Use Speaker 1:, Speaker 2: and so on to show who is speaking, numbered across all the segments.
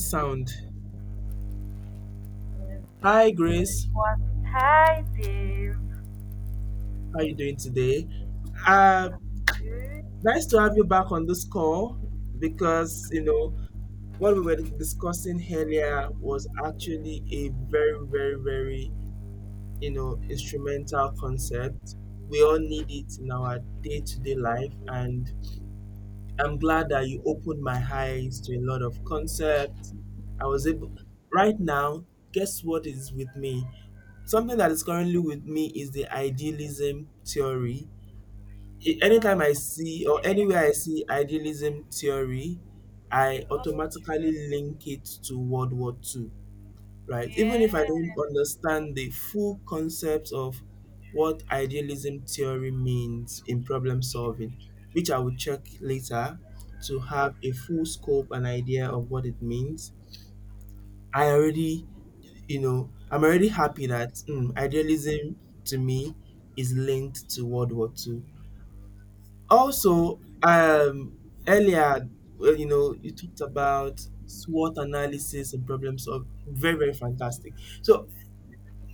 Speaker 1: Sound. Hi,
Speaker 2: It
Speaker 1: Grace.
Speaker 2: was Dave.
Speaker 1: How are you doing today? Uh,
Speaker 2: Dude,
Speaker 1: Nice to have you back on this call because, you know, what we were discussing earlier was actually a very, very, very, you know, instrumental concept. We all need it in our day to day life. And I'm glad that you opened my eyes to a lot of concepts. I was able, right now, guess what is with me? Something that is currently with me is the idealism theory. Anytime I
Speaker 2: um,
Speaker 1: see or anywhere I see idealism theory, I
Speaker 2: you always
Speaker 1: automatically
Speaker 2: remember.
Speaker 1: link it to World War Two. Right? Even if I
Speaker 2: Yes.
Speaker 1: don't understand the full concept of what idealism theory means in problem solving, which I will check later to have a full scope and idea of what it means. I already, you know, I'm already happy that idealism to me is linked to World War Two. Also, earlier, well, you know, you talked about SWOT analysis and problem solving. Very, very fantastic. So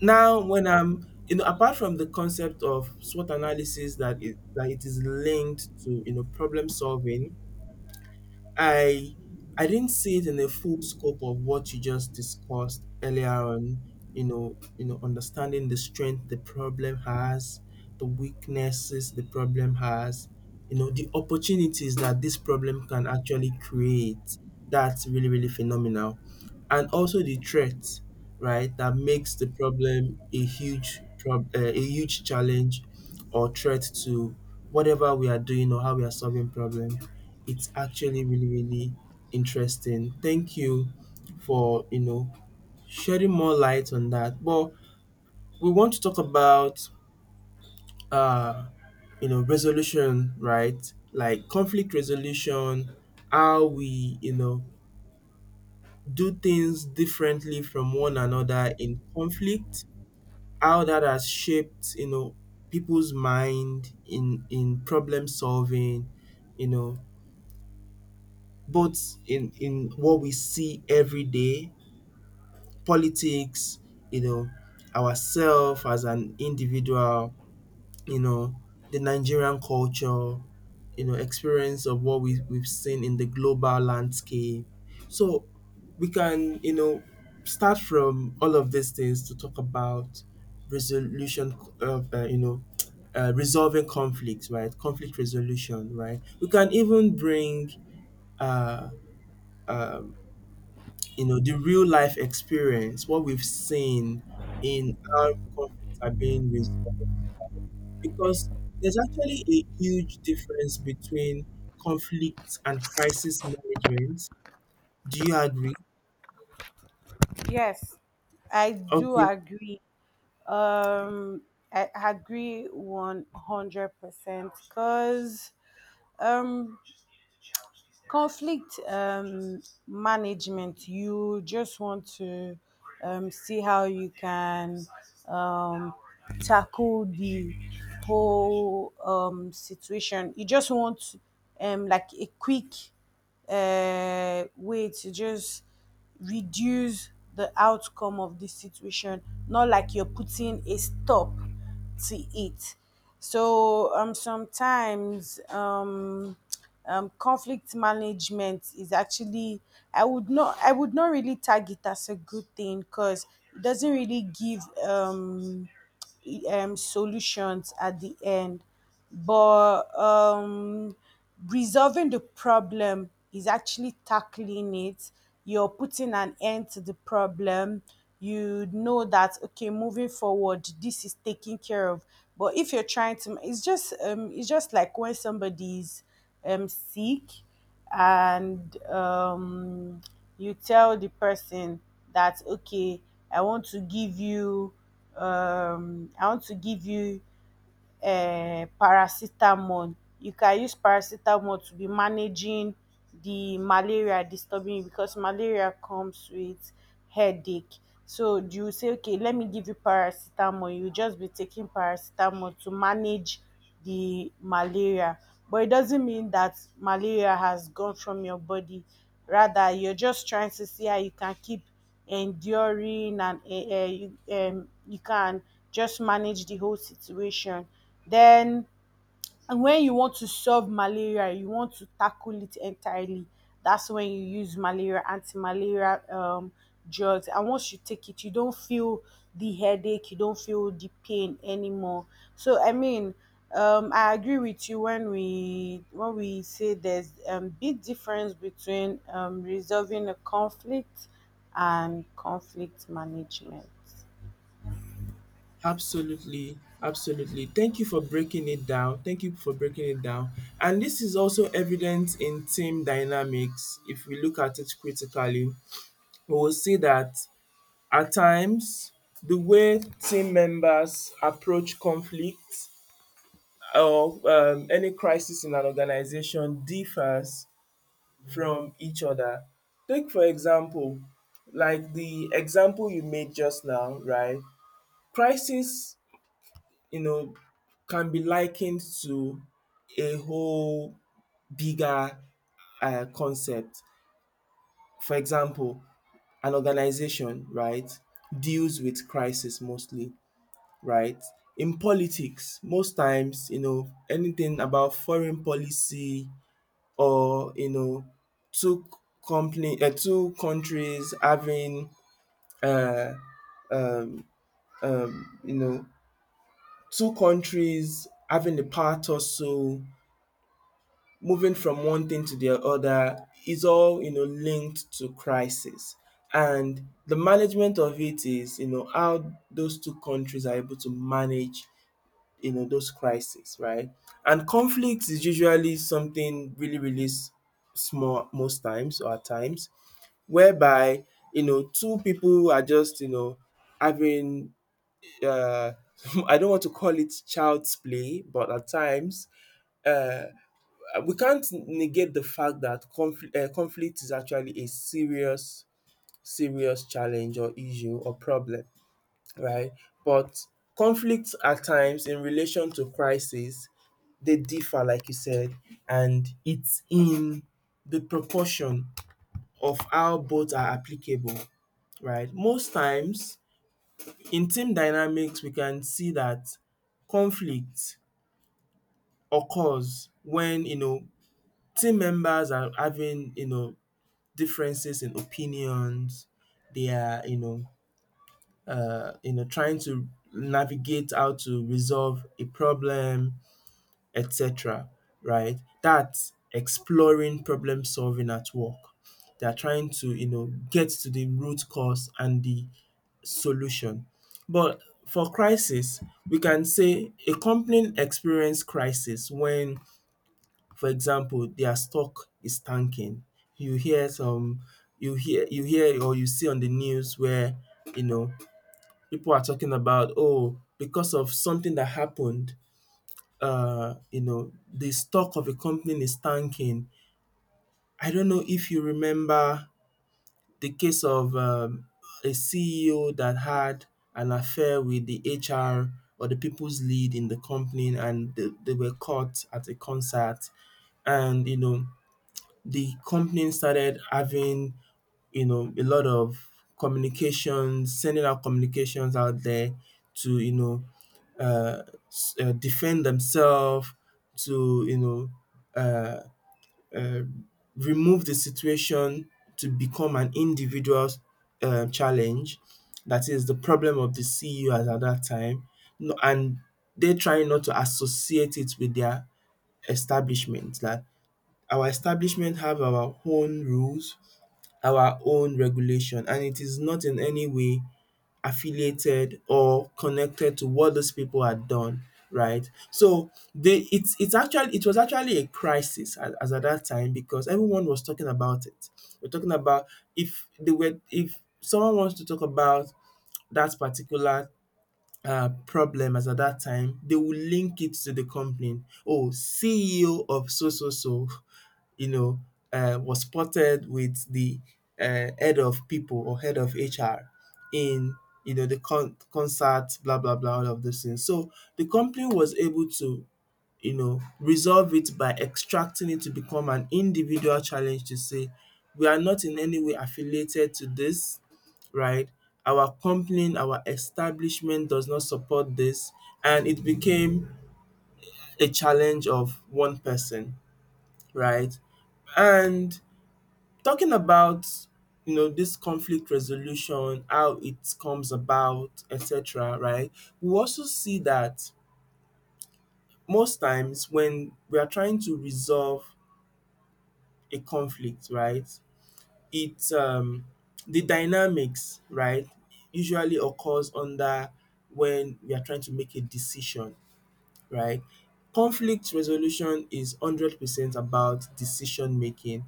Speaker 1: now, when I'm, you know, apart from the concept of SWOT analysis that it is linked to, you know, problem solving, I I didn't see it in the full scope of what you just discussed earlier on, you know, understanding the strength the problem has, the weaknesses the problem has, you know, the opportunities that this problem can actually create. That's really, really phenomenal. And also the threat, right, that makes the problem a a huge challenge or threat to whatever we are doing or how we are solving problem. It's actually really, really interesting. Thank you for, you know, shedding more light on that. But we want to talk about, uh you know, resolution, right? Like conflict resolution, how we, you know, do things differently from one another in conflict, how that has shaped, you know, people's mind in problem solving, you know, both in what we see every day. Politics, you know, ourselves as an individual, you know, the Nigerian culture, you know, experience of what we we've seen in the global landscape. So we can, you know, start from all of these things to talk about resolution of, you know, resolving conflicts, right? Conflict resolution, right? We can even bring uh, you know, the real life experience, what we've seen in how conflicts are being resolved. Because there's actually a huge difference between conflict and crisis management. Do you agree?
Speaker 2: Yes, I do
Speaker 1: Okay,
Speaker 2: agree. Um, I agree 100% because um, conflict management, you just want to see how you can um, tackle the whole situation. You just want like a quick way to just reduce the outcome of the situation, not like you're putting a stop to it. So sometimes conflict management is actually I would not really tag it as a good thing because it doesn't really give solutions at the end. But resolving the problem is actually tackling it. You're putting an end to the problem. You know that okay, moving forward, this is taken care of. But if you're trying to, it's just like when somebody's sick and you tell the person that okay, I want to give you um, i want to give you paracetamol. You can use paracetamol to be managing the malaria disturbing you because malaria comes with headache. So you say okay, let me give you paracetamol. You just be taking paracetamol to manage the malaria, but it doesn't mean that malaria has gone from your body. Rather, you're just trying to see how you can keep enduring and you can just manage the whole situation then. And when you want to solve malaria, you want to tackle it entirely, that's when you use malaria, anti malaria drugs. And once you take it, you don't feel the headache, you don't feel the pain anymore. So, I mean, I agree with you when we say there's a big difference between resolving a conflict and conflict management.
Speaker 1: absolutely, absolutely. Thank you for breaking it down. Thank you for breaking it down. And this is also evident in team dynamics. If we look at it critically, we will see that at times, the way team members approach conflict or any crisis in an organization differs from each other. Take, for example, like the example you made just now, right? Crisis, you know, can be likened to a whole bigger concept. For example, an organization, right, deals with crisis mostly. Right? In politics, most times, you know, anything about foreign policy or, you know, two two countries having, uh, um, you know, two countries having the power tussle, moving from one thing to the other is all, you know, linked to crisis. And the management of it is, you know, how those two countries are able to manage, you know, those crises, right? And conflict is usually something really, really small most times or at times, whereby, you know, two people are just, you know, having. Uh, I don't want to call it child's play, but at times, uh, we can't negate the fact that conflict is actually a serious, serious challenge or issue or problem, right? But conflict at times in relation to crisis, they differ, like you said, and it's in the proportion of how both are applicable, right? Most times in team dynamics, we can see that conflict occurs when, you know, team members are having, you know, differences in opinions. They are, you know, trying to navigate how to resolve a problem, etc. Right? That's exploring problem solving at work. They are trying to, you know, get to the root cause and the solution. But for crisis, we can say a company experience crisis when, for example, their stock is tanking. You hear some, you hear or you see on the news where, you know, people are talking about, oh, because of something that happened, you know, the stock of a company is tanking. I don't know if you remember the case of a CEO that had an affair with the HR or the people's lead in the company, and they were caught at a concert. And, you know, the company started having, you know, a lot of communications, sending out communications out there to, you know, uh, defend themselves to, you know, uh, uh, remove the situation to become an individual challenge, that is the problem of the ceu as at that time. No, and they try not to associate it with their establishment, that our establishment have our own rules, our own regulation and it is not in any way affiliated or connected to what those people had done, right? So they, it's actually, it was actually a crisis as at that time because everyone was talking about it. We're talking about, if they were, if someone wants to talk about that particular problems at that time, they will link it to the complaint. Oh, CEO of so so so, you know, was spotted with the head of people or head of HR in, you know, the concert, blah blah blah, all of those things. So the company was able to, you know, resolve it by extracting it to become an individual challenge to say we are not in any way affiliated to this, right? Our company, our establishment does not support this, and it became a challenge of one person, right? And talking about, you know, this conflict resolution, how it comes about, etc., right? We also see that most times when we are trying to resolve a conflict, right? it the dynamics, right, usually occurs under when we are trying to make a decision, right? Conflict resolution is 100% about decision making.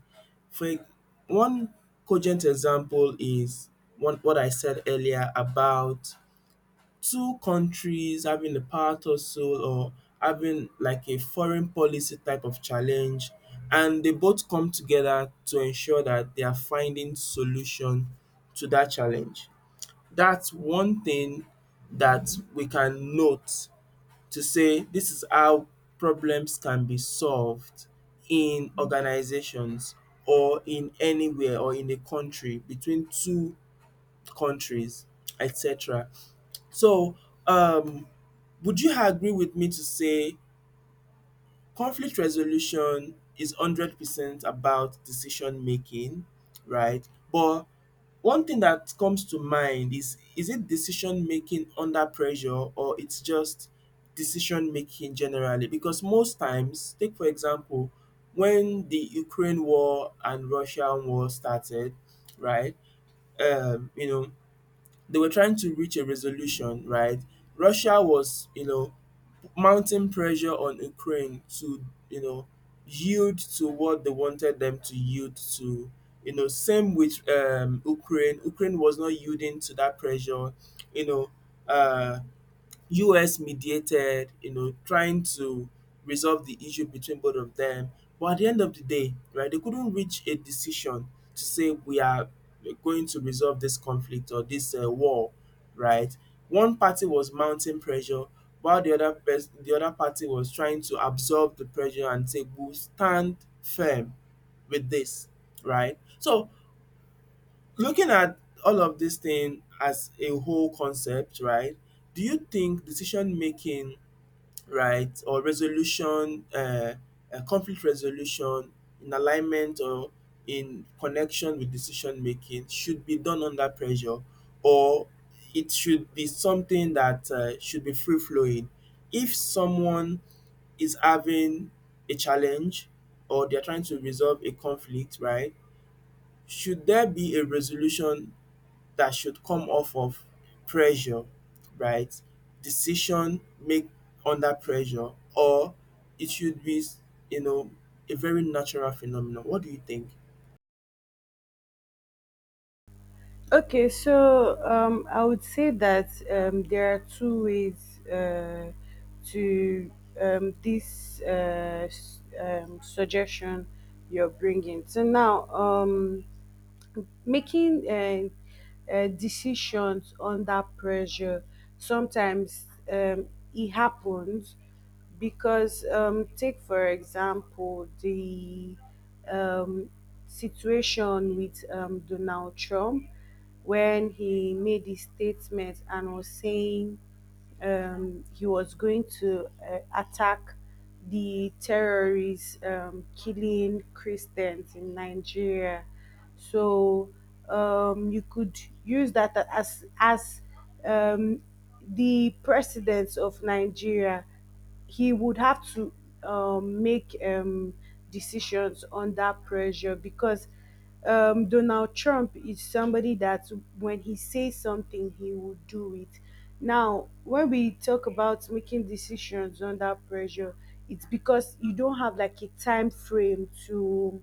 Speaker 1: For e- One cogent example is one what I said earlier about two countries having a power tussle or having like a foreign policy type of challenge and they both come together to ensure that they are finding solution to that challenge. That's one thing that we can note to say this is how problems can be solved in organizations or in anywhere or in a country between two countries, etc. So um would you agree with me to say conflict resolution is 100% about decision making, right? But one thing that comes to mind is it decision making under pressure or it's just decision making generally? Because most times, take for example, when the Ukraine war and Russian war started, right? You know, they were trying to reach a resolution, right? Russia was, you know, mounting pressure on Ukraine to, you know, yield to what they wanted them to yield to. You know, same with Ukraine. Ukraine was not yielding to that pressure. You know, uh, US mediated, you know, trying to resolve the issue between both of them. But at the end of the day, right, they couldn't reach a decision to say we are going to resolve this conflict or this war, right? One party was mounting pressure while the the other party was trying to absorb the pressure and say we'll stand firm with this, right? So looking at all of this thing as a whole concept, right? Do you think decision making, right, or resolution, conflict resolution in alignment or in connection with decision making should be done under pressure, or it should be something that should be free flowing? If someone is having a challenge or they're trying to resolve a conflict, right? Should there be a resolution that should come off of pressure, right? Decision make under pressure, or it should be, you know, a very natural phenomenon. What do you think?
Speaker 2: Okay, so I would say that there are two ways to this suggestion you're bringing. So now, making decisions under pressure sometimes it happens because take for example the um, situation with Donald Trump when he made his statement and was saying he was going to attack the terrorists killing Christians in Nigeria. So you could use that as um, the presidents of Nigeria. He would have to make decisions under pressure because Donald Trump is somebody that when he says something, he will do it. Now, when we talk about making decisions under pressure, it's because you don't have like a time frame to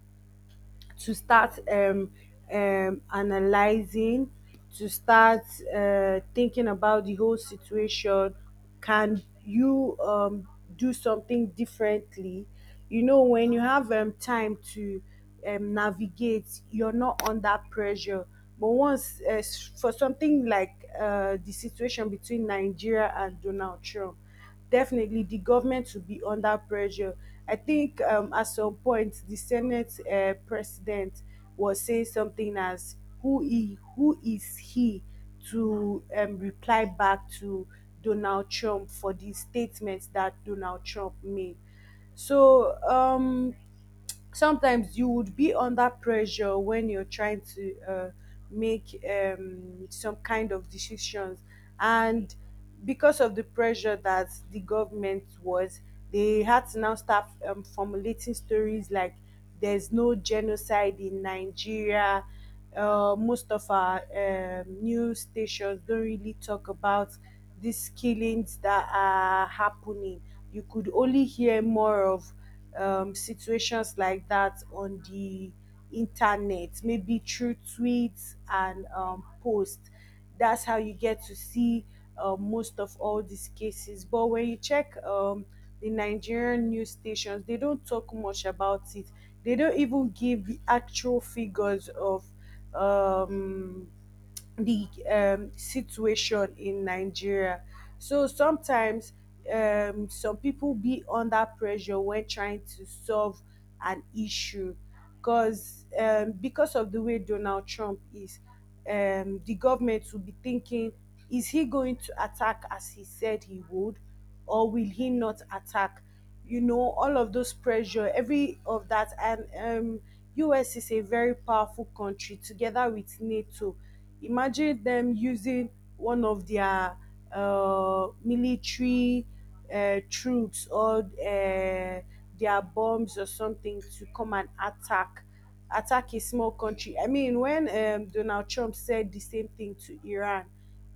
Speaker 2: start analyzing, to start thinking about the whole situation. Can you do something differently? You know, when you have time to navigate, you're not under pressure. But once, for something like the situation between Nigeria and Donald Trump, definitely the government will be under pressure. I think at some point the Senate president was saying something as who is he to reply back to Donald Trump for the statements that Donald Trump made. So sometimes you would be under pressure when you're trying to make some kind of decisions, and because of the pressure that the government was, they had to now start formulating stories like there's no genocide in Nigeria. Most of our news stations don't really talk about these killings that are happening. You could only hear more of situations like that on the internet, maybe through tweets and posts. That's how you get to see most of all these cases. But when you check the Nigerian news stations, they don't talk much about it. They don't even give the actual figures of um, the situation in Nigeria. So sometimes some people be under pressure when trying to solve an issue because of the way Donald Trump is, the government will be thinking, is he going to attack as he said he would? Or will he not attack? You know, all of those pressure, every of that, and US is a very powerful country together with NATO. Imagine them using one of their military troops or their bombs or something to come and attack a small country. I mean, when Donald Trump said the same thing to Iran,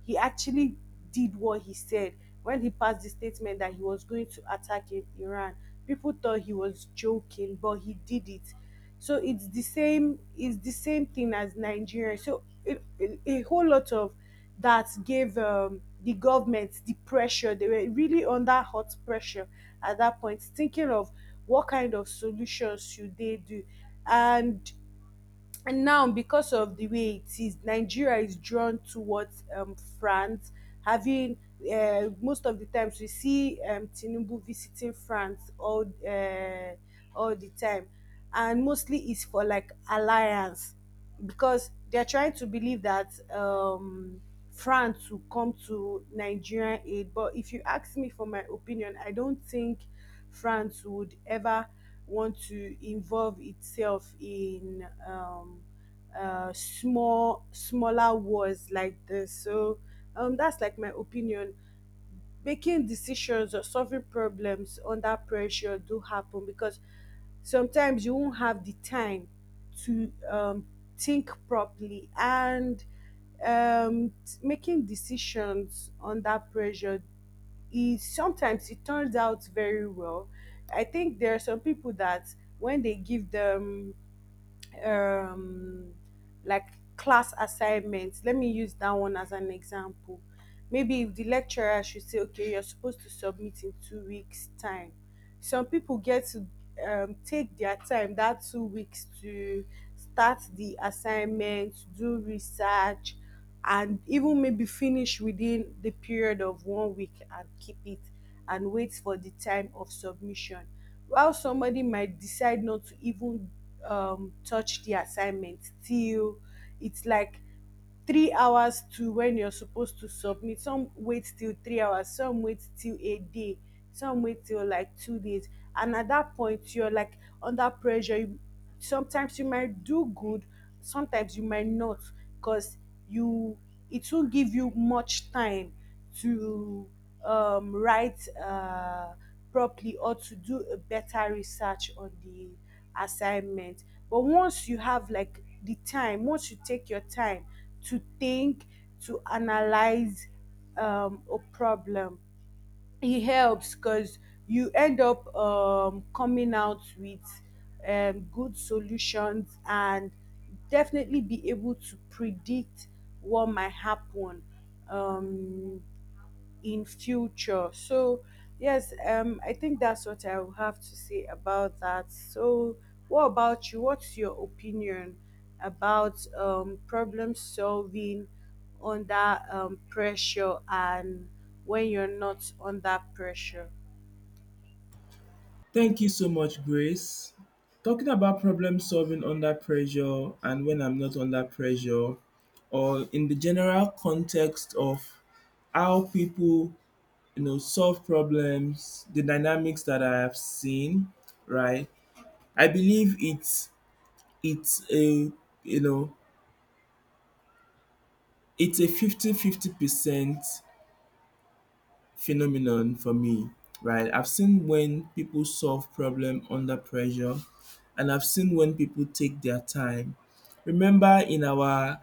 Speaker 2: he actually did what he said when he passed the statement that he was going to attack Iran. People thought he was joking, but he did it. So it's the same. It's the same thing as Nigeria. So a whole lot of that gave the government the pressure. They were really under hot pressure at that point, thinking of what kind of solutions should they do. and And now, because of the way it is, Nigeria is drawn towards France. Having most of the times we see Tinubu visiting France all the time, and mostly it's for like alliance, because they're trying to believe that France will come to Nigerian aid. But if you ask me for my opinion, I don't think France would ever want to involve itself in smaller wars like this. So that's like my opinion. Making decisions or solving problems under pressure do happen because sometimes you won't have the time to think properly, and making decisions under pressure is sometimes it turns out very well. I think there are some people that when they give them um, like class assignments. Let me use that one as an example. Maybe if the lecturer should say, okay, you're supposed to submit in 2 weeks' time. Some people get to take their time that 2 weeks to start the assignment, do research, and even maybe finish within the period of 1 week and keep it and wait for the time of submission. While somebody might decide not to even touch the assignment till it's like 3 hours to when you're supposed to submit. Some wait till 3 hours, some wait till a day, some wait till like 2 days. And at that point, you're like under pressure. Sometimes you might do good, sometimes you might not, because you it won't give you much time to write properly or to do a better research on the assignment. But once you have like the time, once you take your time to think, to analyze a problem, it helps because you end up coming out with good solutions and definitely be able to predict what might happen Um, in future. So yes, I think that's what I will have to say about that. So what about you? What's your opinion about problem solving under pressure and when you're not under pressure?
Speaker 1: Thank you so much, Grace. Talking about problem solving under pressure and when I'm not under pressure, or in the general context of how people, you know, solve problems, the dynamics that I have seen, right? I believe it's It's a, you know, it's a 50-50 percent phenomenon for me, right? I've seen when people solve problem under pressure and I've seen when people take their time. Remember in our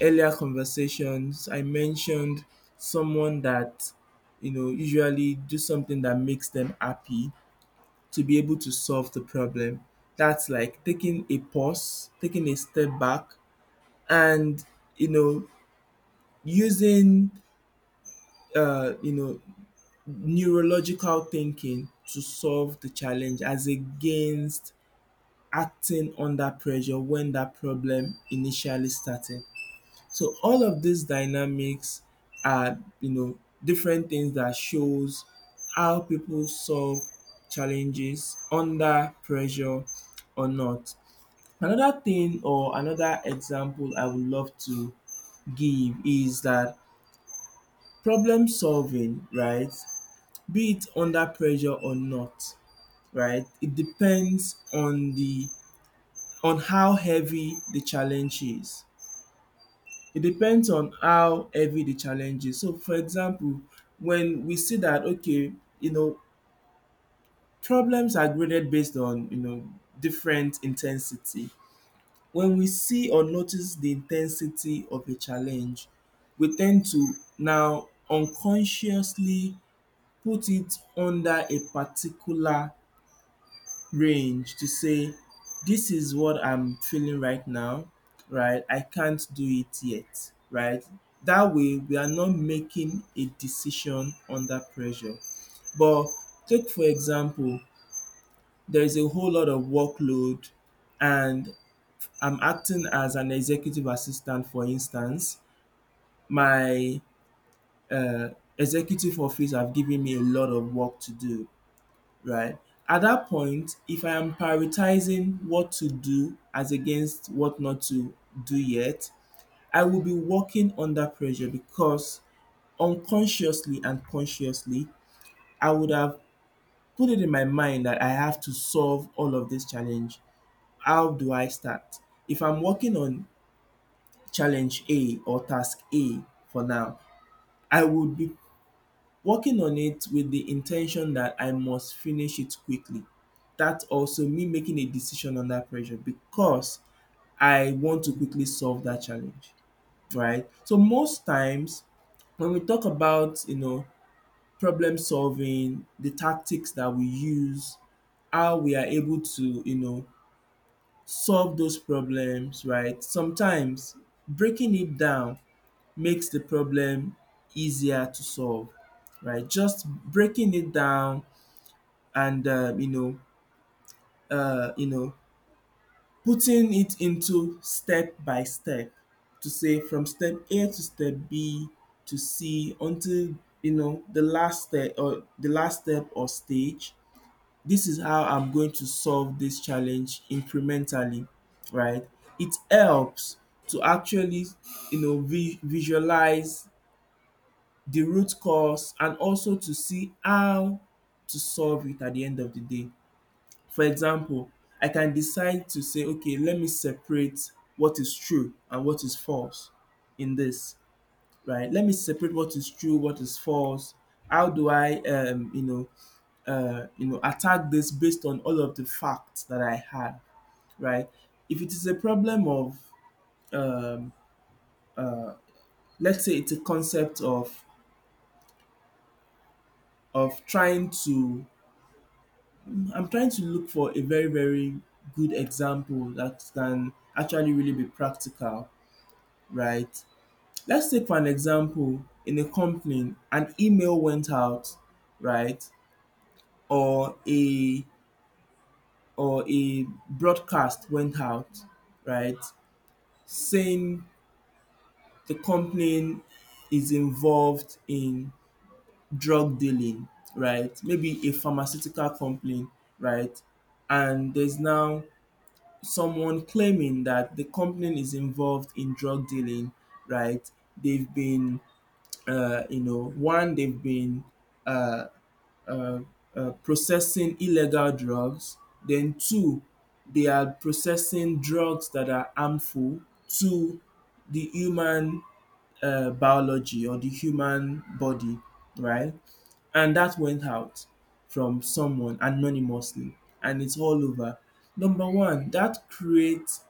Speaker 1: earlier conversations, I mentioned someone that, you know, usually do something that makes them happy to be able to solve the problem. That's like taking a pause, taking a step back and, you know, using uh, you know neurological thinking to solve the challenge as against acting under pressure when that problem initially started. So all of these dynamics are different things that shows how people solve challenges under pressure or not. Another thing or another example I would love to give is that problem solving, right, be it under pressure or not, right? It depends on the on how heavy the challenge is. It depends on how heavy the challenge is. So for example, when we see that okay, you know, problems are graded based on, you know, different intensity. When we see or notice the intensity of a challenge, we tend to now unconsciously put it under a particular range to say, this is what I'm feeling right now, right? I can't do it yet, right? That way, we are not making a decision under pressure. But take, for example, there is a whole lot of workload, and I'm acting as an executive assistant, for instance. My uh, executive office have given me a lot of work to do, right? At that point, if I am prioritizing what to do as against what not to do yet, I will be working under pressure because unconsciously and consciously, I would have put it in my mind that I have to solve all of this challenge. How do I start? If I'm working on challenge A or task A for now, I would be working on it with the intention that I must finish it quickly. That also me making a decision under pressure because I want to quickly solve that challenge, right? So most times when we talk about, you know, problem solving, the tactics that we use, how we are able to, you know, solve those problems, right? Sometimes breaking it down makes the problem easier to solve, right? Just breaking it down and uh, you know, putting it into step by step to say from step A to step B to C until you know the last step or the last step or stage. This is how I'm going to solve this challenge incrementally, right? It helps to actually visualize the root cause and also to see how to solve it at the end of the day. For example, I can decide to say, okay, let me separate what is true and what is false in this, right? Let me separate what is true, what is false. How do I, attack this based on all of the facts that I have, right? If it is a problem of, um, let's say, it's a concept of trying to, I'm trying to look for a very very good example that can actually really be practical, right? Let's take for an example in a company an email went out, right? Or a or a broadcast went out, right? Saying the company is involved in drug dealing, right? Maybe a pharmaceutical company, right? And there's now someone claiming that the company is involved in drug dealing, right? They've been, one, they've been uh, uh, processing illegal drugs. Then two, they are processing drugs that are harmful to the human biology or the human body, right? And that went out from someone anonymously, and it's all over. Number one, that creates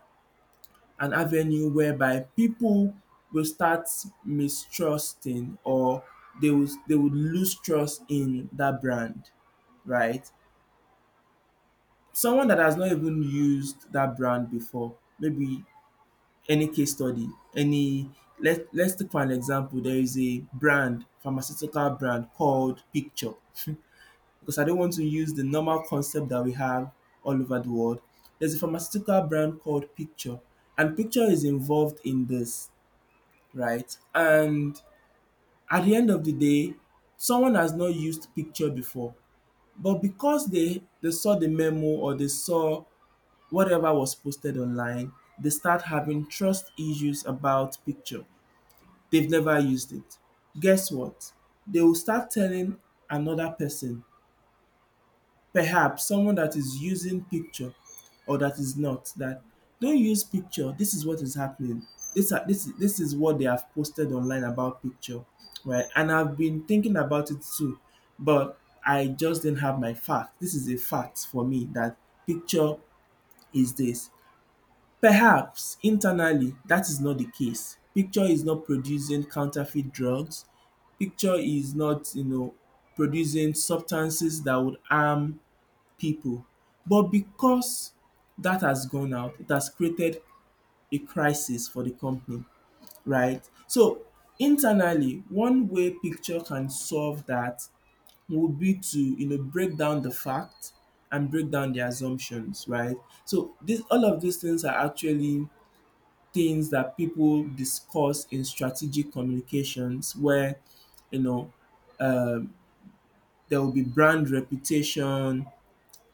Speaker 1: an avenue whereby people will start mistrusting or they would lose trust in that brand, right? Someone that has not even used that brand before, maybe any case study, any let's take for an example, there is a brand, pharmaceutical brand called Picture. Because I don't want to use the normal concept that we have all over the world. There's a pharmaceutical brand called Picture, and Picture is involved in this, right? And at the end of the day, someone has not used Picture before, but because they saw the memo or they saw whatever was posted online, they start having trust issues about picture. They've never used it. Guess what? They will start telling another person, perhaps someone that is using picture or that is not, that don't use picture. This is what is happening. This are this this is what they have posted online about picture, right? And I've been thinking about it too, but I just didn't have my fact. This is a fact for me that picture is this. Perhaps, internally, that is not the case. Picture is not producing counterfeit drugs. Picture is not, you know, producing substances that would harm people. But because that has gone out, it has created a crisis for the company, right? So, internally, one way Picture can solve that would be to, you know, break down the fact and break down the assumptions, right? So, this all of these things are actually things that people discuss in strategic communications where you know um, there will be brand reputation,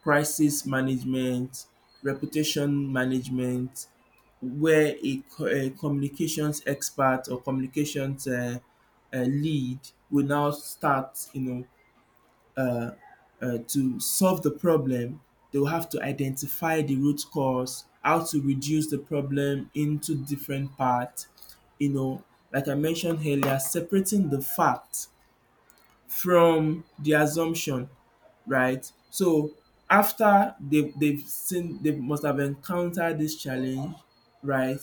Speaker 1: crisis management, reputation management, where a, a communications expert or communications lead will now start, to solve the problem, they'll have to identify the root cause, how to reduce the problem into different parts. You know, like I mentioned earlier, separating the fact from the assumption, right? So after they've seen they must have encountered this challenge, right?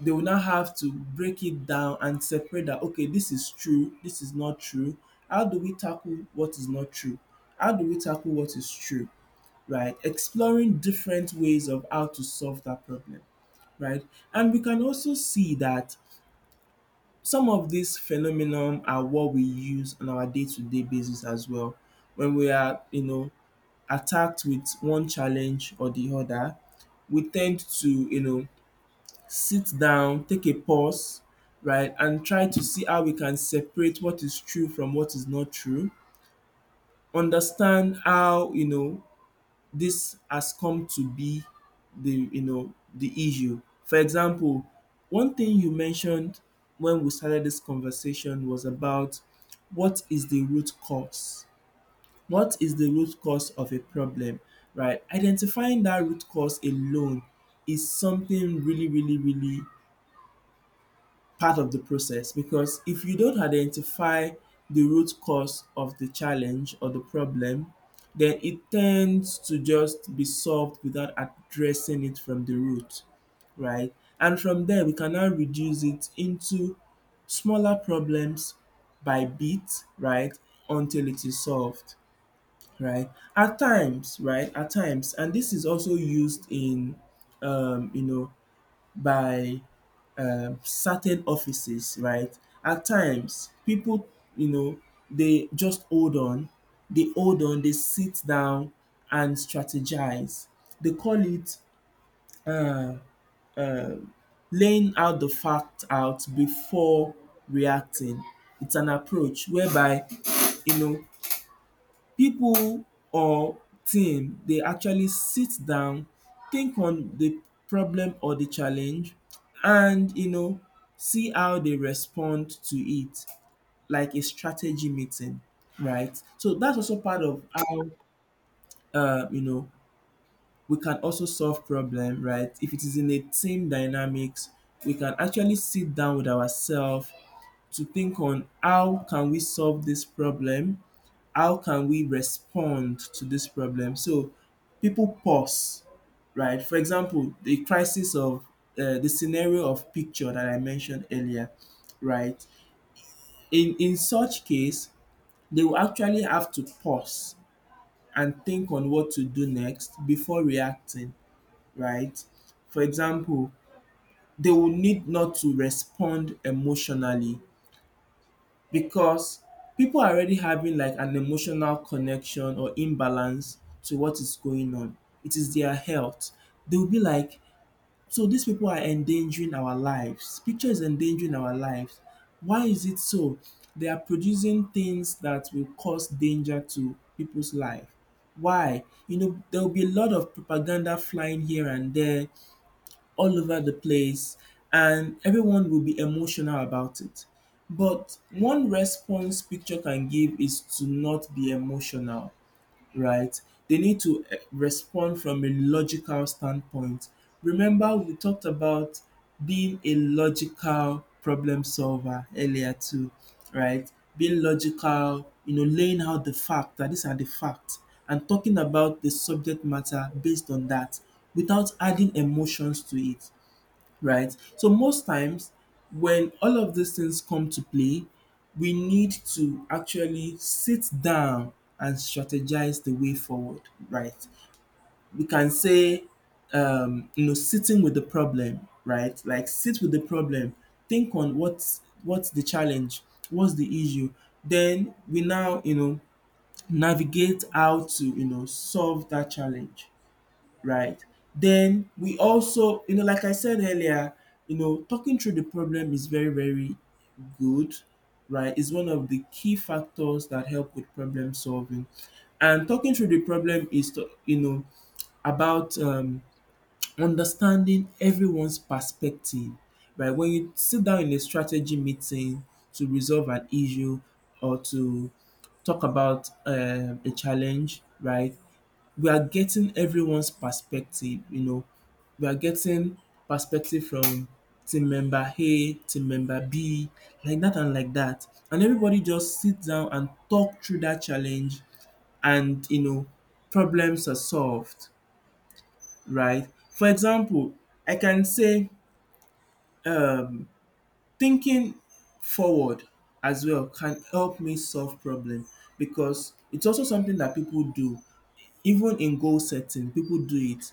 Speaker 1: They will now have to break it down and separate that okay, this is true, this is not true. How do we tackle what is not true? How do we tackle what is true? Right? Exploring different ways of how to solve that problem, right? And we can also see that some of these phenomenon are what we use on our day-to-day basis as well. When we are, you know, attacked with one challenge or the other, we tend to, you know, sit down, take a pause, right, and try to see how we can separate what is true from what is not true, understand how, you know, this has come to be the the issue. For example, one thing you mentioned when we started this conversation was about what is the root cause? What is the root cause of a problem? Right? Identifying that root cause alone is something really, really, really part of the process because if you don't identify the root cause of the challenge or the problem, then it tends to just be solved without addressing it from the root, right? And from there, we can now reduce it into smaller problems by bit, right, until it is solved, right? At times, right, at times, and this is also used in, um, you know, by certain offices, right, at times people, you know, they just hold on, they sit down and strategize. They call it laying out the fact out before reacting. It's an approach whereby, you know, people or team they actually sit down, think on the problem or the challenge and see how they respond to it like a strategy meeting, right? So that's also part of how uh, you know we can also solve problem, right? If it is in a team dynamics, we can actually sit down with ourselves to think on how can we solve this problem, how can we respond to this problem. So people pause, right? For example, the crisis of the scenario of picture that I mentioned earlier, right? In such case, they will actually have to pause and think on what to do next before reacting, right? For example, they will need not to respond emotionally because people are already having like an emotional connection or imbalance to what is going on. It is their health. They'll be like, so these people are endangering our lives. Picture is endangering our lives. Why is it so? They are producing things that will cause danger to people's life. Why? You know, there will be a lot of propaganda flying here and there, all over the place, and everyone will be emotional about it. But one response picture can give is to not be emotional, right? They need to respond from a logical standpoint. Remember, we talked about being a logical problem solver earlier, too, right? Being logical, you know, laying out the fact that these are the facts and talking about the subject matter based on that without adding emotions to it, right? So most times when all of these things come to play, we need to actually sit down and strategize the way forward, right? We can say, you know, sitting with the problem, right? Like sit with the problem, think on what's the challenge, what's the issue. Then we now, you know, navigate how to, you know, solve that challenge, right? Then we also, you know, like I said earlier, you know, talking through the problem is very, very good, right? It's one of the key factors that help with problem solving. And talking through the problem is, to, you know, about understanding everyone's perspective, right? When you sit down in a strategy meeting to resolve an issue or to talk about a challenge, right? We are getting everyone's perspective, you know, we are getting perspective from team member A, team member B, like that. And everybody just sits down and talk through that challenge and you know, problems are solved, right? For example, I can say um thinking forward as well can help me solve problem, because it's also something that people do. Even in goal setting people do it.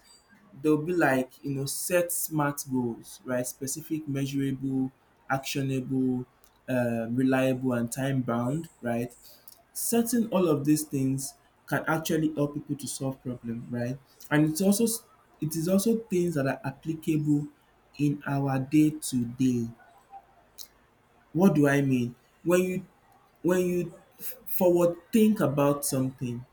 Speaker 1: They will be like, you know, set smart goals, right? Specific, measurable, actionable, reliable and time bound, right? Setting all of these things can actually help people to solve problems, right? And it's also, it is also things that are applicable in our day to day. What do I mean? When you when you forward think about something,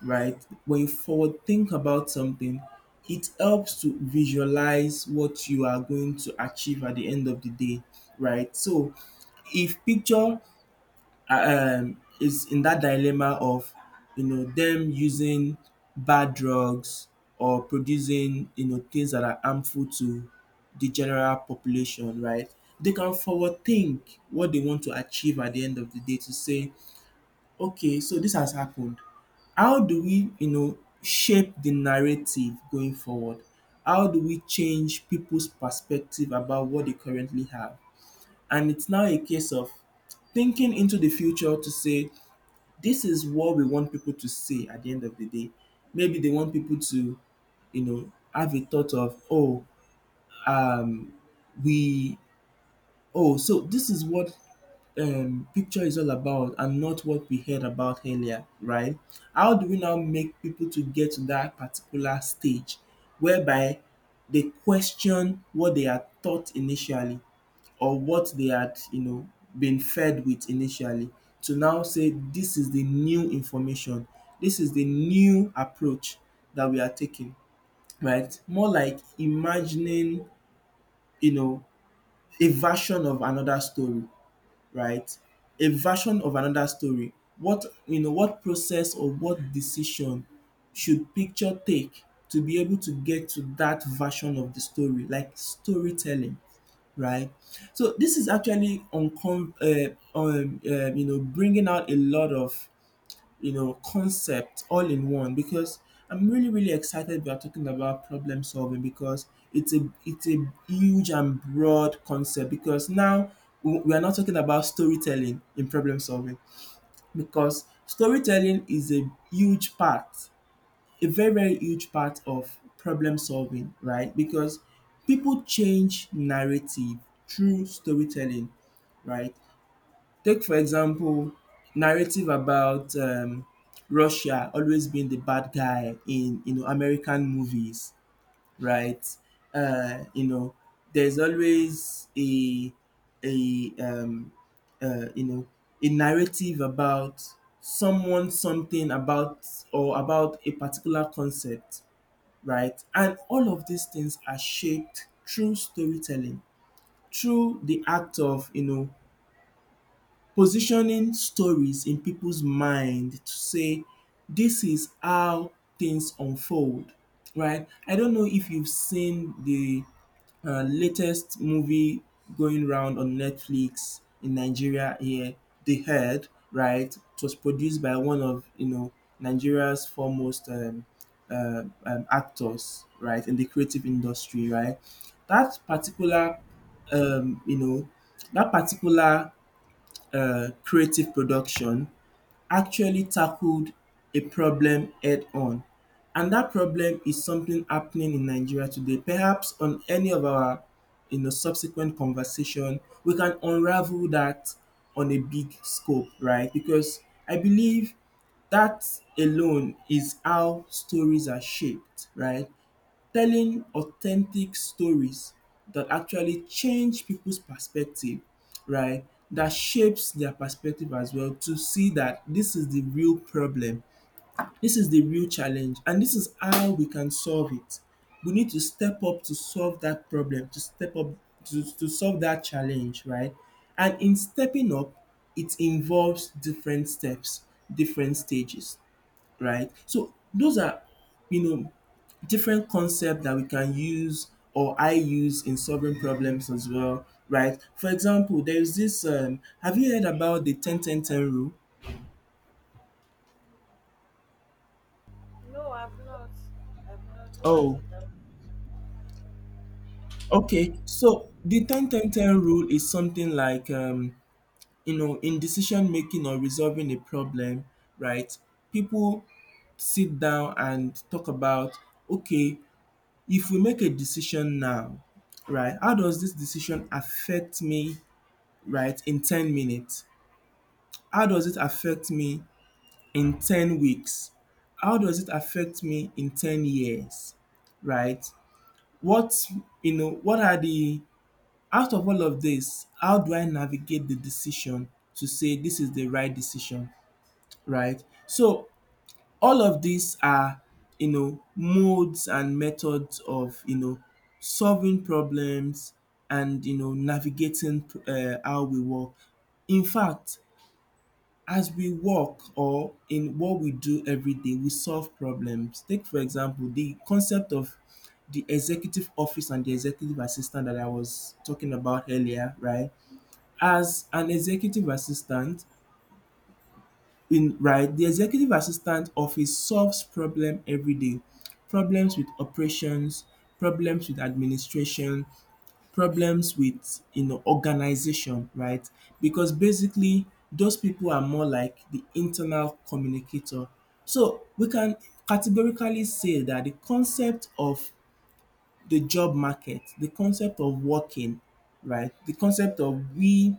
Speaker 1: right? When you forward think about something, it helps to visualize what you are going to achieve at the end of the day, right? So, if picture is in that dilemma of, you know, them using bad drugs or producing, you know, things that are harmful to the general population, right? They can forward think what they want to achieve at the end of the day, to say, okay, so this has happened. How do we, you know, shape the narrative going forward? How do we change people's perspective about what they currently have? And it's now a case of thinking into the future to say, this is what we want people to say at the end of the day. Maybe they want people to, you know, have a thought of, oh, um, we, oh, so this is what picture is all about and not what we heard about earlier, right? How do we now make people to get to that particular stage whereby they question what they are taught initially or what they had, you know, been fed with initially, to now say this is the new information, this is the new approach that we are taking, right? More like imagining, you know, a version of another story, right? A version of another story. What, you know, what process or what decision should picture take to be able to get to that version of the story, like storytelling, right? So this is actually you know, bringing out a lot of, you know, concept all in one, because I'm really, really excited we are talking about problem solving, because it's a huge and broad concept, because now we are not talking about storytelling in problem solving, because storytelling is a huge part, a very, very huge part of problem solving, right? Because people change narrative through storytelling, right? Take for example, narrative about Russia always being the bad guy in, you know, American movies, right? You know, there's always a a um you know, a narrative about someone, something about or about a particular concept, right? And all of these things are shaped through storytelling, through the act of, you know, positioning stories in people's mind to say this is how things unfold, right? I don't know if you've seen the latest movie going round on Netflix in Nigeria here, The Herd, right? It was produced by one of, you know, Nigeria's foremost actors, right, in the creative industry, right? That particular you know, that particular creative production actually tackled a problem head on. And that problem is something happening in Nigeria today. Perhaps on any of our, you know, subsequent conversation, we can unravel that on a big scope, right? Because I believe that alone is how stories are shaped, right? Telling authentic stories that actually change people's perspective, right? That shapes their perspective as well to see that this is the real problem, this is the real challenge, and this is how we can solve it. We need to step up to solve that problem, to step up to solve that challenge, right? And in stepping up, it involves different steps, different stages, right? So those are, you know, different concepts that we can use or I use in solving problems as well, right? For example, there is this have you heard about the 10 10 10 rule?
Speaker 2: No, I've not. I've not. What is
Speaker 1: Oh,
Speaker 2: it? I
Speaker 1: okay. So the 10 10 10 rule is something like, you know, in decision making or resolving a problem, right? People sit down and talk about, okay, if we make a decision now, right? How does this decision affect me, right, in 10 minutes? How does it affect me in 10 weeks? How does it affect me in 10 years? Right? What, you know, what are the, out of all of this, how do I navigate the decision to say this is the right decision? Right? So, all of these are, you know, modes and methods of, you know, solving problems and, you know, navigating how we work. In fact, as we work or in what we do every day, we solve problems. Take for example the concept of the executive office and the executive assistant that I was talking about earlier, right? As an executive assistant, in right, the executive assistant office solves problem every day. Problems with operations, problems with administration, problems with, you know, organization, right? Because basically those people are more like the internal communicator. So we can categorically say that the concept of the job market, the concept of working, right? The concept of we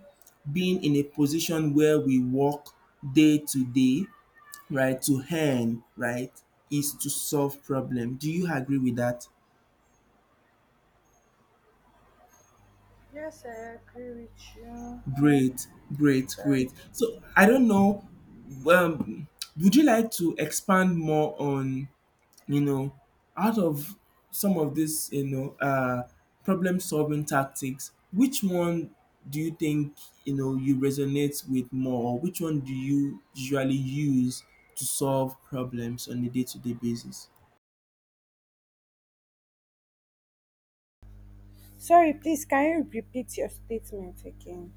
Speaker 1: being in a position where we work day to day, right, to earn, right, is to solve problem. Do you agree with that?
Speaker 2: yes, I agree with you.
Speaker 1: Great, great, great. So I don't know, um, would you like to expand more on, you know, out of some of this, you know, problem solving tactics, which one do you think, you know, you resonate with more? Or which one do you usually use to solve problems on a day to day basis?
Speaker 2: Sorry, please, can you repeat your statement again?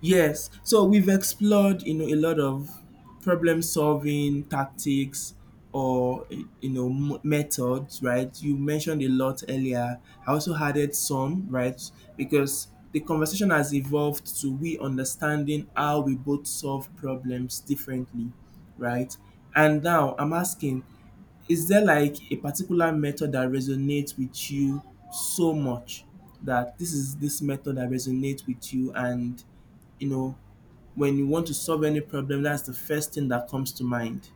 Speaker 1: Yes, so we've explored, you know, a lot of problem solving tactics or, you know, methods, right? You mentioned a lot earlier. I also added some, right? Because the conversation has evolved to we understanding how we both solve problems differently, right? And now I'm asking, is there like a particular method that resonates with you so much that this is this method that resonates with you, and you know, when you want to solve any problem, that's the first thing that comes to mind.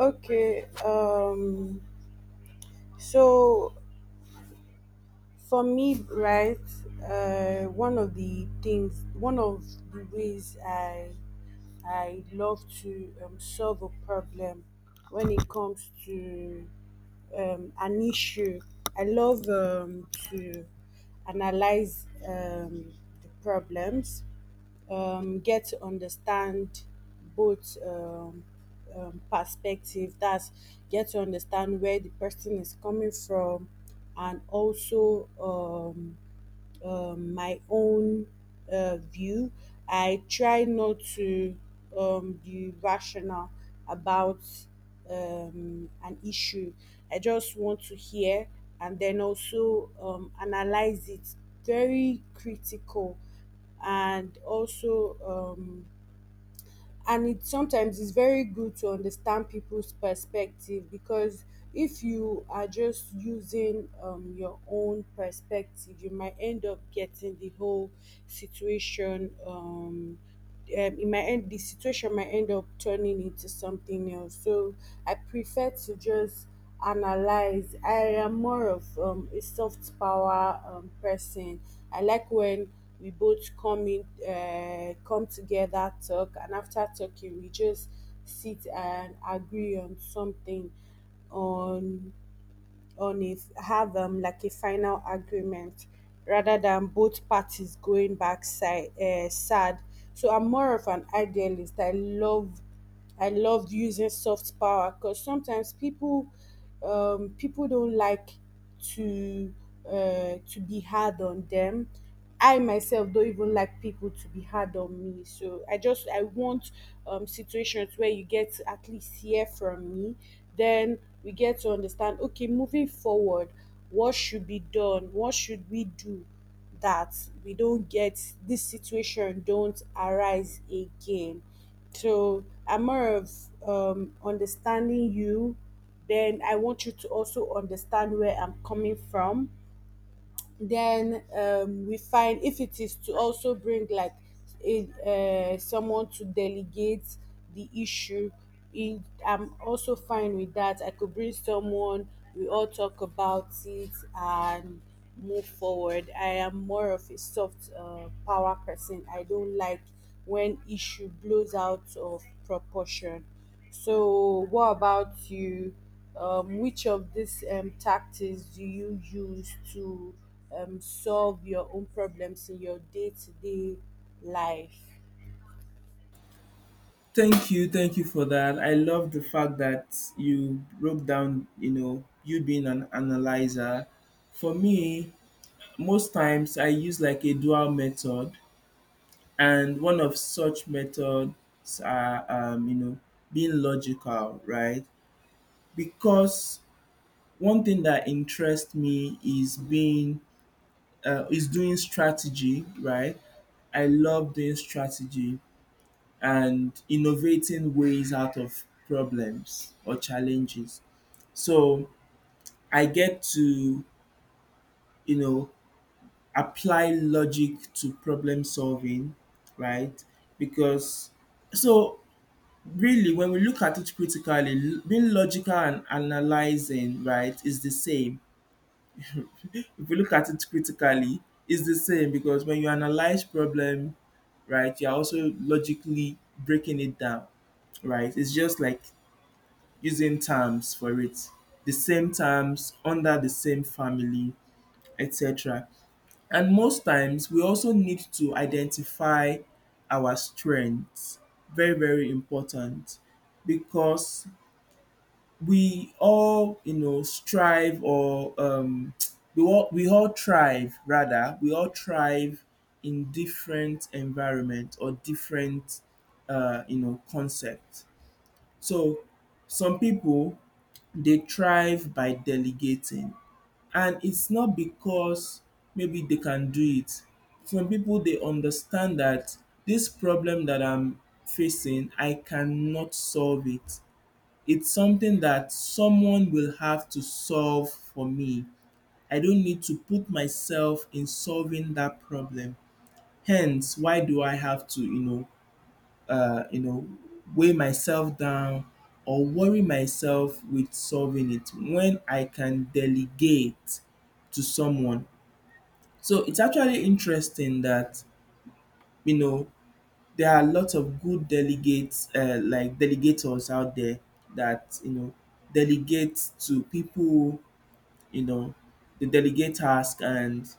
Speaker 2: Okay, so for me, right, one of the things, one of the ways I love to solve a problem, when it comes to an issue, I love to analyze the problems, get to understand both perspective. That's, get to understand where the person is coming from, and also my own view. I try not to be rational about an issue. I just want to hear and then also analyze it very critical, and also and it sometimes is very good to understand people's perspective because if you are just using your own perspective, you might end up getting the whole situation it might end, the situation might end up turning into something else. So I prefer to just analyze. I am more of a soft power person. I like when we both come in, come together, talk, and after talking, we just sit and agree on something, on on it, have like a final agreement, rather than both parties going back side, sad. So I'm more of an idealist. I loved using soft power because sometimes people don't like to to be hard on them. I myself don't even like people to be hard on me. So I want situations where you get to at least hear from me. Then we get to understand. Okay, moving forward, what should be done? What should we do? That we don't get this situation, don't arise again. So I'm more of understanding you. Then I want you to also understand where I'm coming from, then we find if it is to also bring like someone to delegate the issue. I'm also fine with that. I could bring someone, we all talk about it and move forward. I am more of a soft power person. I don't like when issue blows out of proportion. So what about you? Which of these tactics do you use to solve your own problems in your day to day life.
Speaker 1: Thank you for that. I love the fact that you broke down, you know, you being an analyzer. For me, most times I use like a dual method, and one of such methods are, you know, being logical, right? Because one thing that interests me is being is doing strategy, right? I love doing strategy and innovating ways out of problems or challenges. So I get to, you know, apply logic to problem solving, right? Because so really when we look at it critically, being logical and analyzing, right, is the same. If we look at it critically, it's the same, because when you analyze problem, right, you're also logically breaking it down, right? It's just like using terms for it, the same terms under the same family, etc. And most times we also need to identify our strengths. Very, very important, because we all, you know, strive or we all thrive rather. We all thrive in different environment or different, you know, concept. So some people they thrive by delegating, and it's not because maybe they can do it. Some people they understand that this problem that I'm facing, I cannot solve it. It's something that someone will have to solve for me. I don't need to put myself in solving that problem. Hence, why do I have to, you know, weigh myself down or worry myself with solving it when I can delegate to someone. So it's actually interesting that, you know, there are lots of good delegates, like delegators out there that, you know, delegate to people. You know, they delegate task and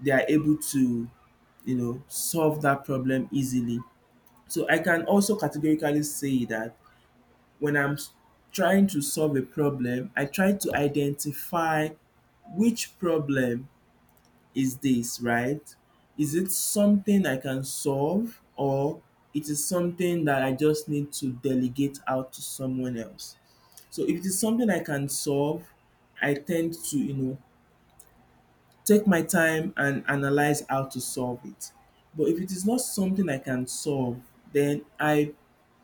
Speaker 1: they are able to, you know, solve that problem easily. So I can also categorically say that when trying to solve a problem, I try to identify which problem is this, right? Is it something I can solve or it is something that I just need to delegate out to someone else? So if it is something I can solve, I tend to, you know, take my time and analyze how to solve it. But if it is not something I can solve, then I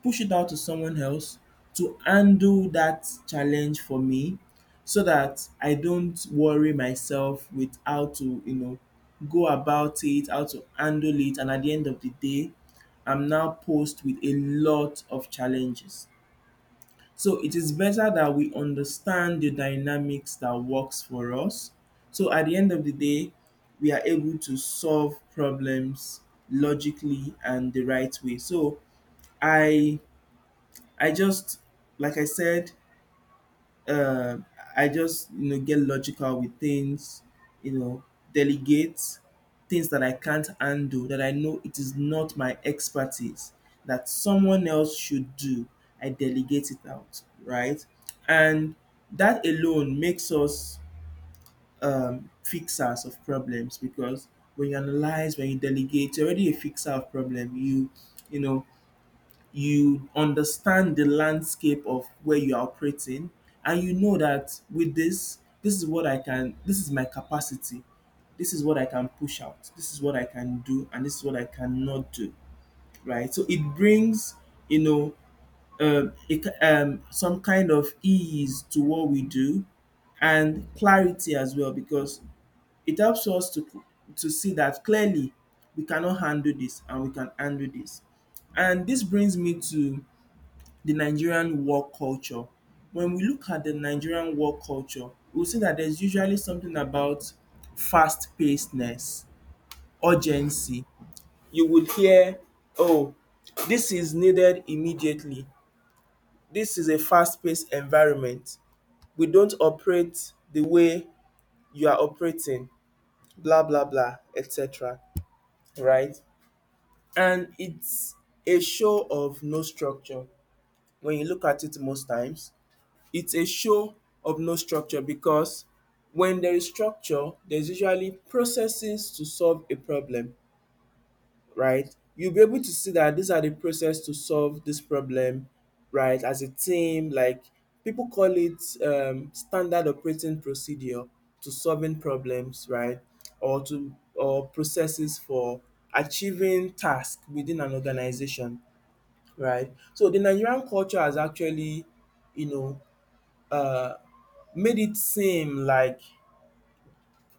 Speaker 1: push it out to someone else to handle that challenge for me, so that I don't worry myself with how to, you know, go about it, how to handle it. And at the end of the day, I'm now posed with a lot of challenges. So it is better that we understand the dynamics that works for us. So at the end of the day, we are able to solve problems logically and the right way. So I I just like I said, uh, I just get logical with things, you know, delegate things that I can't handle that I know it is not my expertise that someone else should do. I delegate it out, right? And that alone makes us fixers of problems because when you analyze, when you delegate, you're already a fixer of problem. You know, you understand the landscape of where you are operating and you know that with this is what I can. This is my capacity. This is what I can push out. This is what I can do and this is what I cannot do, right? So it brings, you know, some kind of ease to what we do and clarity as well because it helps us to see that clearly we cannot handle this and we can handle this. And this brings me to the Nigerian work culture. When we look at the Nigerian work culture, we'll see that there's usually something about fast pacedness, urgency. You would hear, oh, this is needed immediately. This is a fast paced environment. We don't operate the way you are operating, blah, blah, blah, etc. Right? And it's a show of no structure when you look at it most times. It's a show of no structure because when there is structure, there's usually processes to solve a problem, right? You'll be able to see that these are the process to solve this problem, right? As a team, like people call it standard operating procedure to solving problems, right? Or processes for achieving tasks within an organization, right? So the Nigerian culture has actually, you know, uh, made it seem like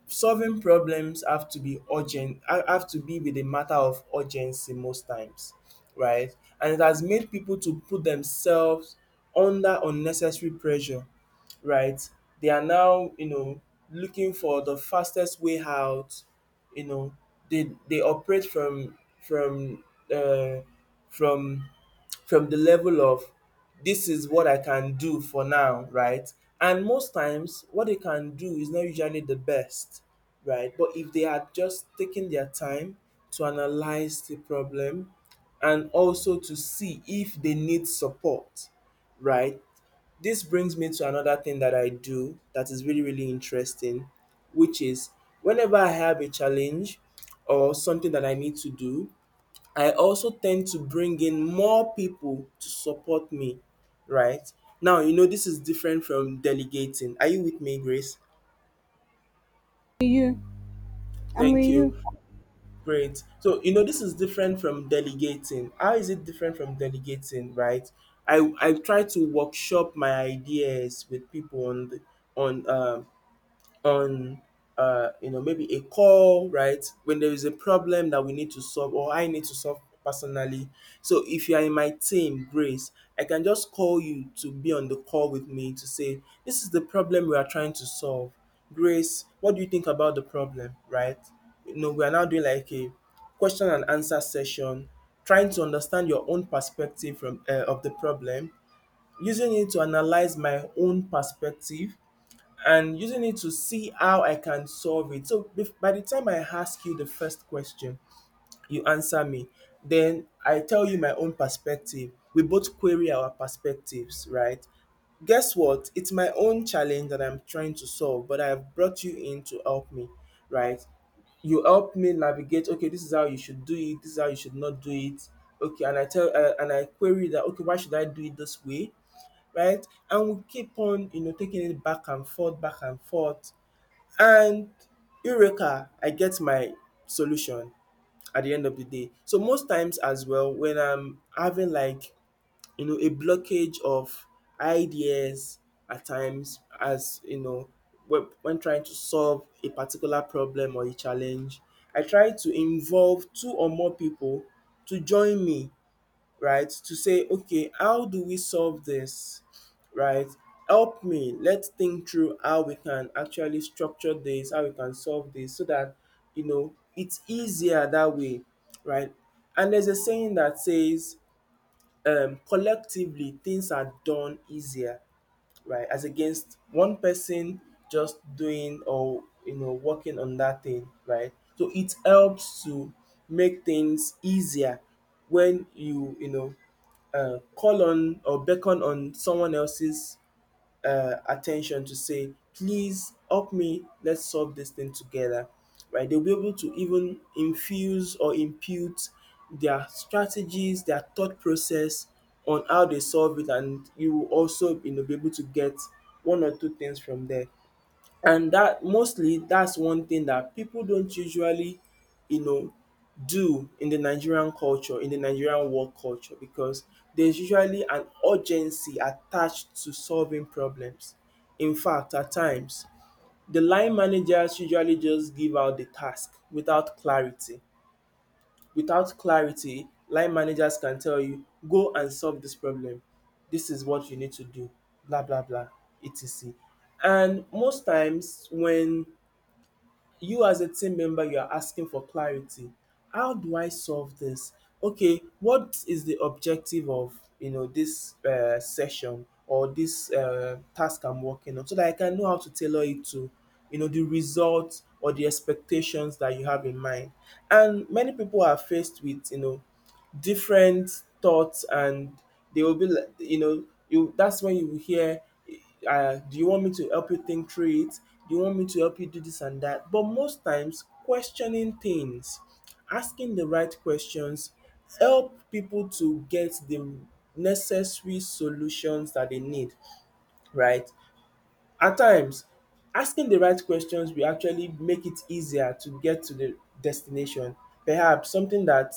Speaker 1: solving problems have to be urgent, have to be with a matter of urgency most times, right? And it has made people to put themselves under unnecessary pressure, right? They are now, you know, looking for the fastest way out, you know. They operate uh, from from the level of this is what I can do for now, right? And most times, what they can do is not usually the best, right? But if they had just taken their time to analyze the problem and also to see if they need support, right? This brings me to another thing that I do that is really, really interesting, which is whenever I have a challenge or something that I need to do, I also tend to bring in more people to support me, right? Now, you know, this is different from delegating. Are you with me, Grace?
Speaker 2: You, I'm with
Speaker 1: Thank
Speaker 2: you.
Speaker 1: you. Great. So, you know, this is different from delegating. How is it different from delegating, right? I try to workshop my ideas with people on the, on um on you know, maybe a call, right? When there is a problem that we need to solve or I need to solve personally, so if you are in my team, Grace, I can just call you to be on the call with me to say, this is the problem we are trying to solve. Grace, what do you think about the problem, right? You know, we are now doing like a question and answer session, trying to understand your own perspective from of the problem, using it to analyze my own perspective and using it to see how I can solve it. So by the time I ask you the first question, you answer me. Then I tell you my own perspective. We both query our perspectives, right? Guess what? It's my own challenge that I'm trying to solve, but I've brought you in to help me, right? You help me navigate. Okay, this is how you should do it. This is how you should not do it. Okay, and I tell and I query that. Okay, why should I do it this way, right? And we keep on, you know, taking it back and forth, back and forth. And Eureka, I get my solution at the end of the day. So most times as well, when I'm having like, you know, a blockage of ideas at times, as you know, when trying to solve a particular problem or a challenge, I try to involve two or more people to join me, right? To say, okay, how do we solve this, right? Help me. Let's think through how we can actually structure this, how we can solve this, so that you know it's easier that way, right? And there's a saying that says, collectively things are done easier, right? As against one person just doing or you know working on that thing, right? So it helps to make things easier when you know, call on or beckon on someone else's attention to say, please help me, let's solve this thing together. Right? They'll be able to even infuse or impute their strategies, their thought process on how they solve it, and you will also, you know, be able to get one or two things from there. And that mostly, that's one thing that people don't usually, you know, do in the Nigerian culture, in the Nigerian work culture, because there's usually an urgency attached to solving problems. In fact, at times, the line managers usually just give out the task without clarity. Without clarity, line managers can tell you, go and solve this problem, this is what you need to do, blah blah blah, etc. And most times when you as a team member, you are asking for clarity, how do I solve this? Okay, what is the objective of, you know, this session or this task I'm working on, so that I can know how to tailor it to, you know, the results or the expectations that you have in mind. And many people are faced with, you know, different thoughts, and they will be like, you know, you, that's when you will hear, do you want me to help you think through it? Do you want me to help you do this and that? But most times questioning things, asking the right questions, help people to get the necessary solutions that they need, right? At times, asking the right questions will actually make it easier to get to the destination. Perhaps something that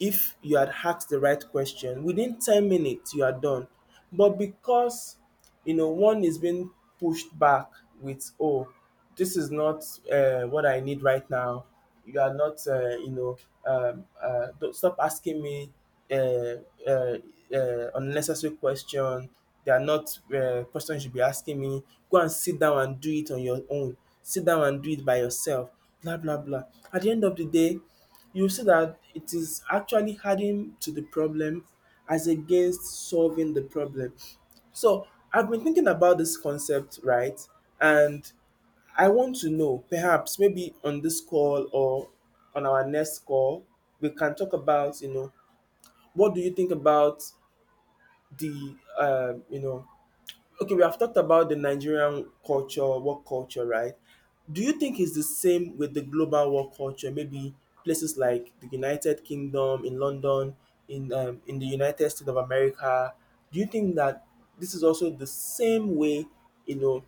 Speaker 1: if you had asked the right question, within 10 minutes you are done. But because, you know, one is being pushed back with, oh, this is not what I need right now. You are not, you know, don't stop asking me uh, uh, unnecessary question. They are not questions you should be asking me. Go and sit down and do it on your own. Sit down and do it by yourself. Blah blah blah. At the end of the day, you see that it is actually adding to the problem as against solving the problem. So I've been thinking about this concept, right? And I want to know, perhaps maybe on this call or on our next call, we can talk about, you know, what do you think about the, you know, okay, we have talked about the Nigerian culture, work culture, right? Do you think it's the same with the global work culture? Maybe places like the United Kingdom, in London, in in the United States of America. Do you think that this is also the same way, you know,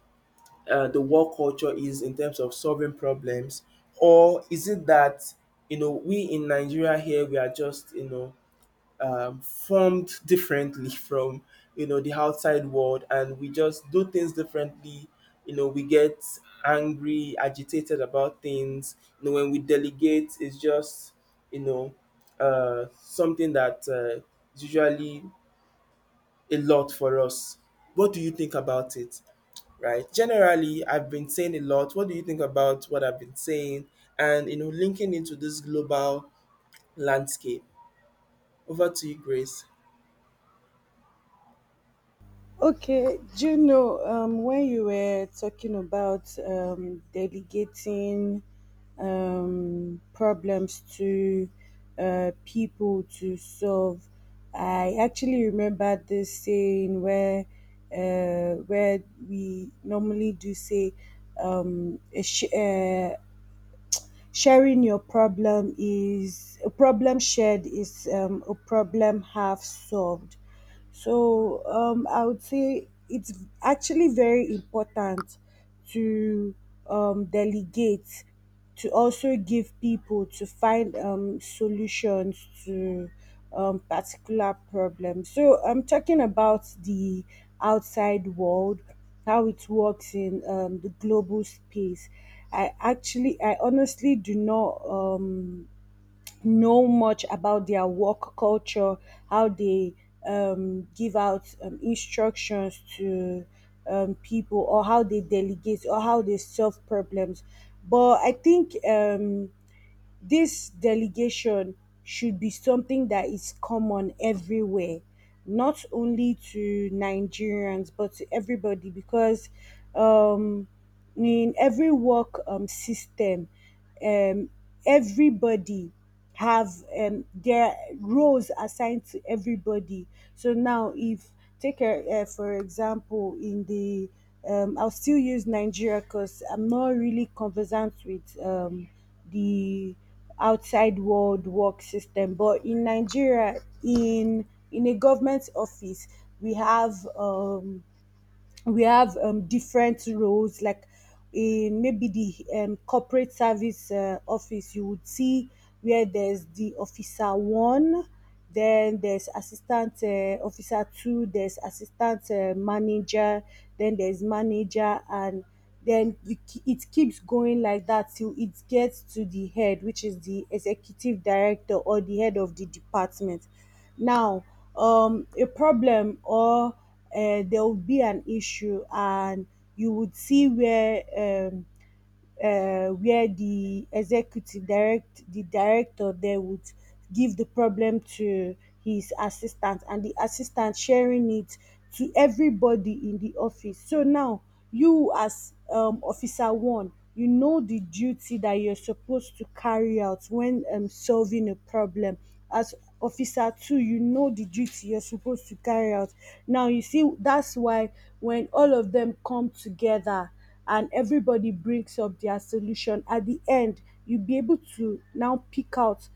Speaker 1: the work culture is in terms of solving problems? Or is it that, you know, we in Nigeria here, we are just, you know, formed differently from, you know, the outside world, and we just do things differently. You know, we get angry, agitated about things. You know, when we delegate, it's just, you know, something that is usually a lot for us. What do you think about it, right? Generally, I've been saying a lot. What do you think about what I've been saying? And you know, linking into this global landscape. Over to you, Grace.
Speaker 2: Okay, do you know, when you were talking about delegating problems to people to solve? I actually remember this saying where where we normally do say, um, a sh- uh, Sharing your problem is a problem half solved. So I would say it's actually very important to delegate, to also give people to find solutions to particular problems. So I'm talking about the outside world, how it works in the global space. I honestly do not. Know much about their work culture, how they give out instructions to people, or how they delegate, or how they solve problems. But I think, this delegation should be something that is common everywhere, not only to Nigerians, but to everybody, because um, in every work system, um, everybody have their roles assigned to everybody. So now, if for example, in the I'll still use Nigeria because I'm not really conversant with the outside world work system. But in Nigeria, in a government office, we have different roles. Like in maybe the corporate service office, you would see where there's the officer one, then there's assistant officer two, there's assistant manager, then there's manager, and then it keeps going like that till it gets to the head, which is the executive director or the head of the department. Now, a problem or there will be an issue, and you would see where um, where the executive direct the director there would give the problem to his assistant, and the assistant sharing it to everybody in the office. So now you as officer one, you know the duty that you're supposed to carry out when solving a problem. As officer two, you know the duty you're supposed to carry out. Now you see, that's why when all of them come together and everybody brings up their solution at the end, you'll be able to now pick out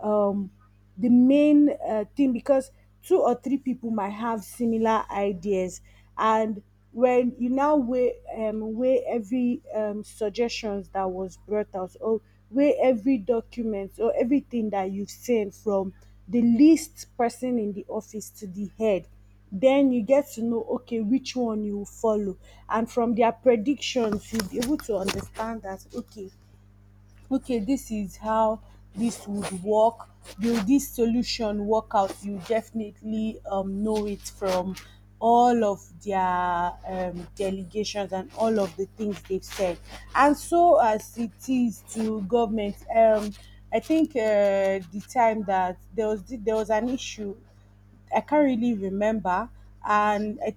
Speaker 2: um, the main thing, because two or three people might have similar ideas. And when you now weigh weigh every suggestions that was brought out, or weigh every document or everything that you've seen from the least person in the office to the head, then you get to know okay which one you will follow. And from their predictions, you'll be able to understand that, okay, okay, this is how this would work. Will this solution work out? You definitely know it from all of their delegations and all of the things they've said. And so as it is to government, I think the time that there was an issue, I can't really remember. And I,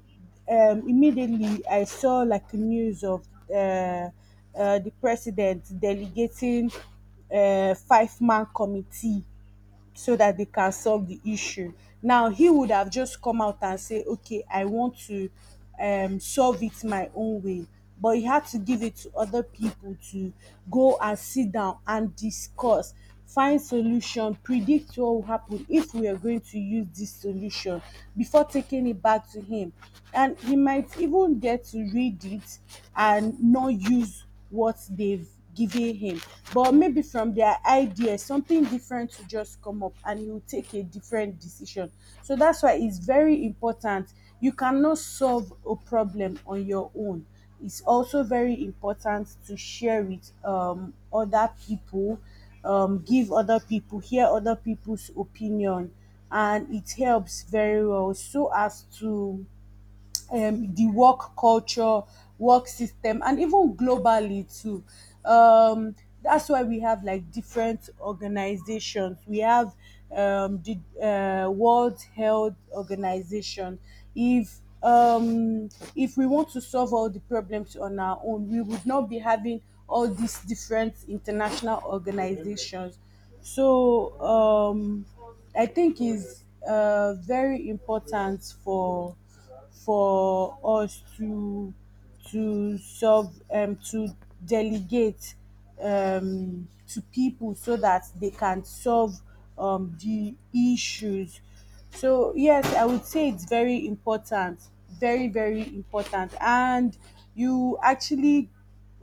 Speaker 2: Immediately I saw like news of the president delegating a 5-man committee so that they can solve the issue. Now, he would have just come out and say, okay, I want to solve it my own way. But he had to give it to other people to go and sit down and discuss, find solution, predict what will happen if we are going to use this solution before taking it back to him. And he might even get to read it and not use what they've giving him, but maybe from their idea something different will just come up and he will take a different decision. So that's why it's very important. You cannot solve a problem on your own. It's also very important to share with other people, give other people, hear other people's opinion. And it helps very well. So as to the work culture, work system, and even globally too. Um, that's why we have like different organizations. We have, the World Health Organization. If um, if we want to solve all the problems on our own, we would not be having all these different international organizations. So I think is very important for for us to solve to delegate to people so that they can solve the issues. So yes, I would say it's very important, very very important. And you actually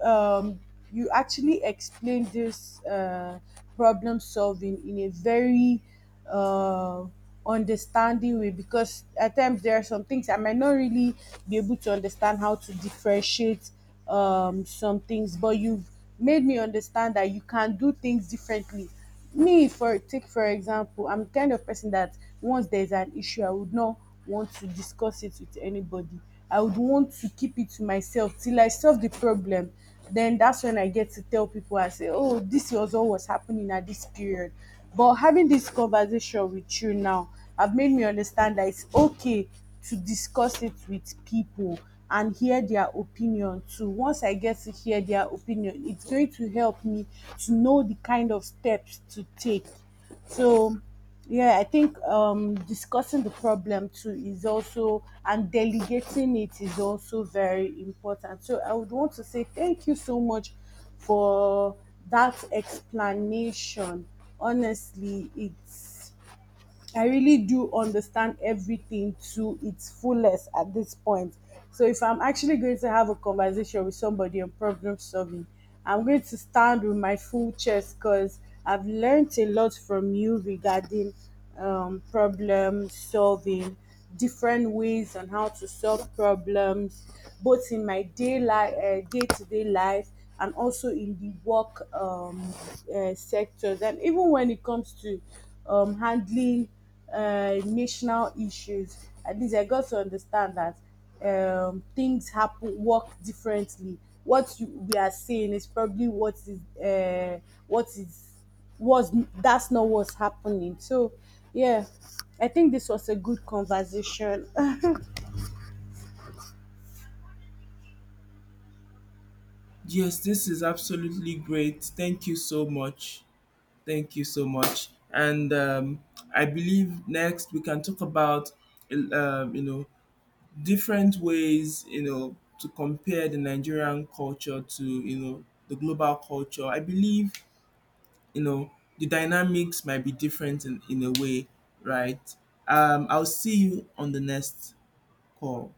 Speaker 2: um, you actually explain this problem solving in a very uh, understanding way, because at times there are some things I might not really be able to understand how to differentiate some things, but you've made me understand that you can do things differently. Me, for take for example, I'm the kind of person that once there's an issue, I would not want to discuss it with anybody. I would want to keep it to myself till I solve the problem. Then that's when I get to tell people. I say, oh, this was all was happening at this period. But having this conversation with you now have made me understand that it's okay to discuss it with people and hear their opinion too. Once I get to hear their opinion, it's going to help me to know the kind of steps to take. So, yeah, I think, discussing the problem too is also, and delegating it is also very important. So, I would want to say thank you so much for that explanation. Honestly, it's I really do understand everything to its fullest at this point. So if I'm actually going to have a conversation with somebody on problem solving, I'm going to stand with my full chest, because I've learned a lot from you regarding problem solving, different ways on how to solve problems, both in my day life, day to day life, and also in the work sectors. And even when it comes to handling national issues. At least I got to understand that things happen work differently. What you, we are saying is probably what is was that's not what's happening. So yeah, I think this was a good conversation.
Speaker 1: Yes, this is absolutely great. Thank you so much. Thank you so much. And I believe next we can talk about, you know, different ways, you know, to compare the Nigerian culture to, you know, the global culture. I believe, you know, the dynamics might be different in a way, right? I'll see you on the next call.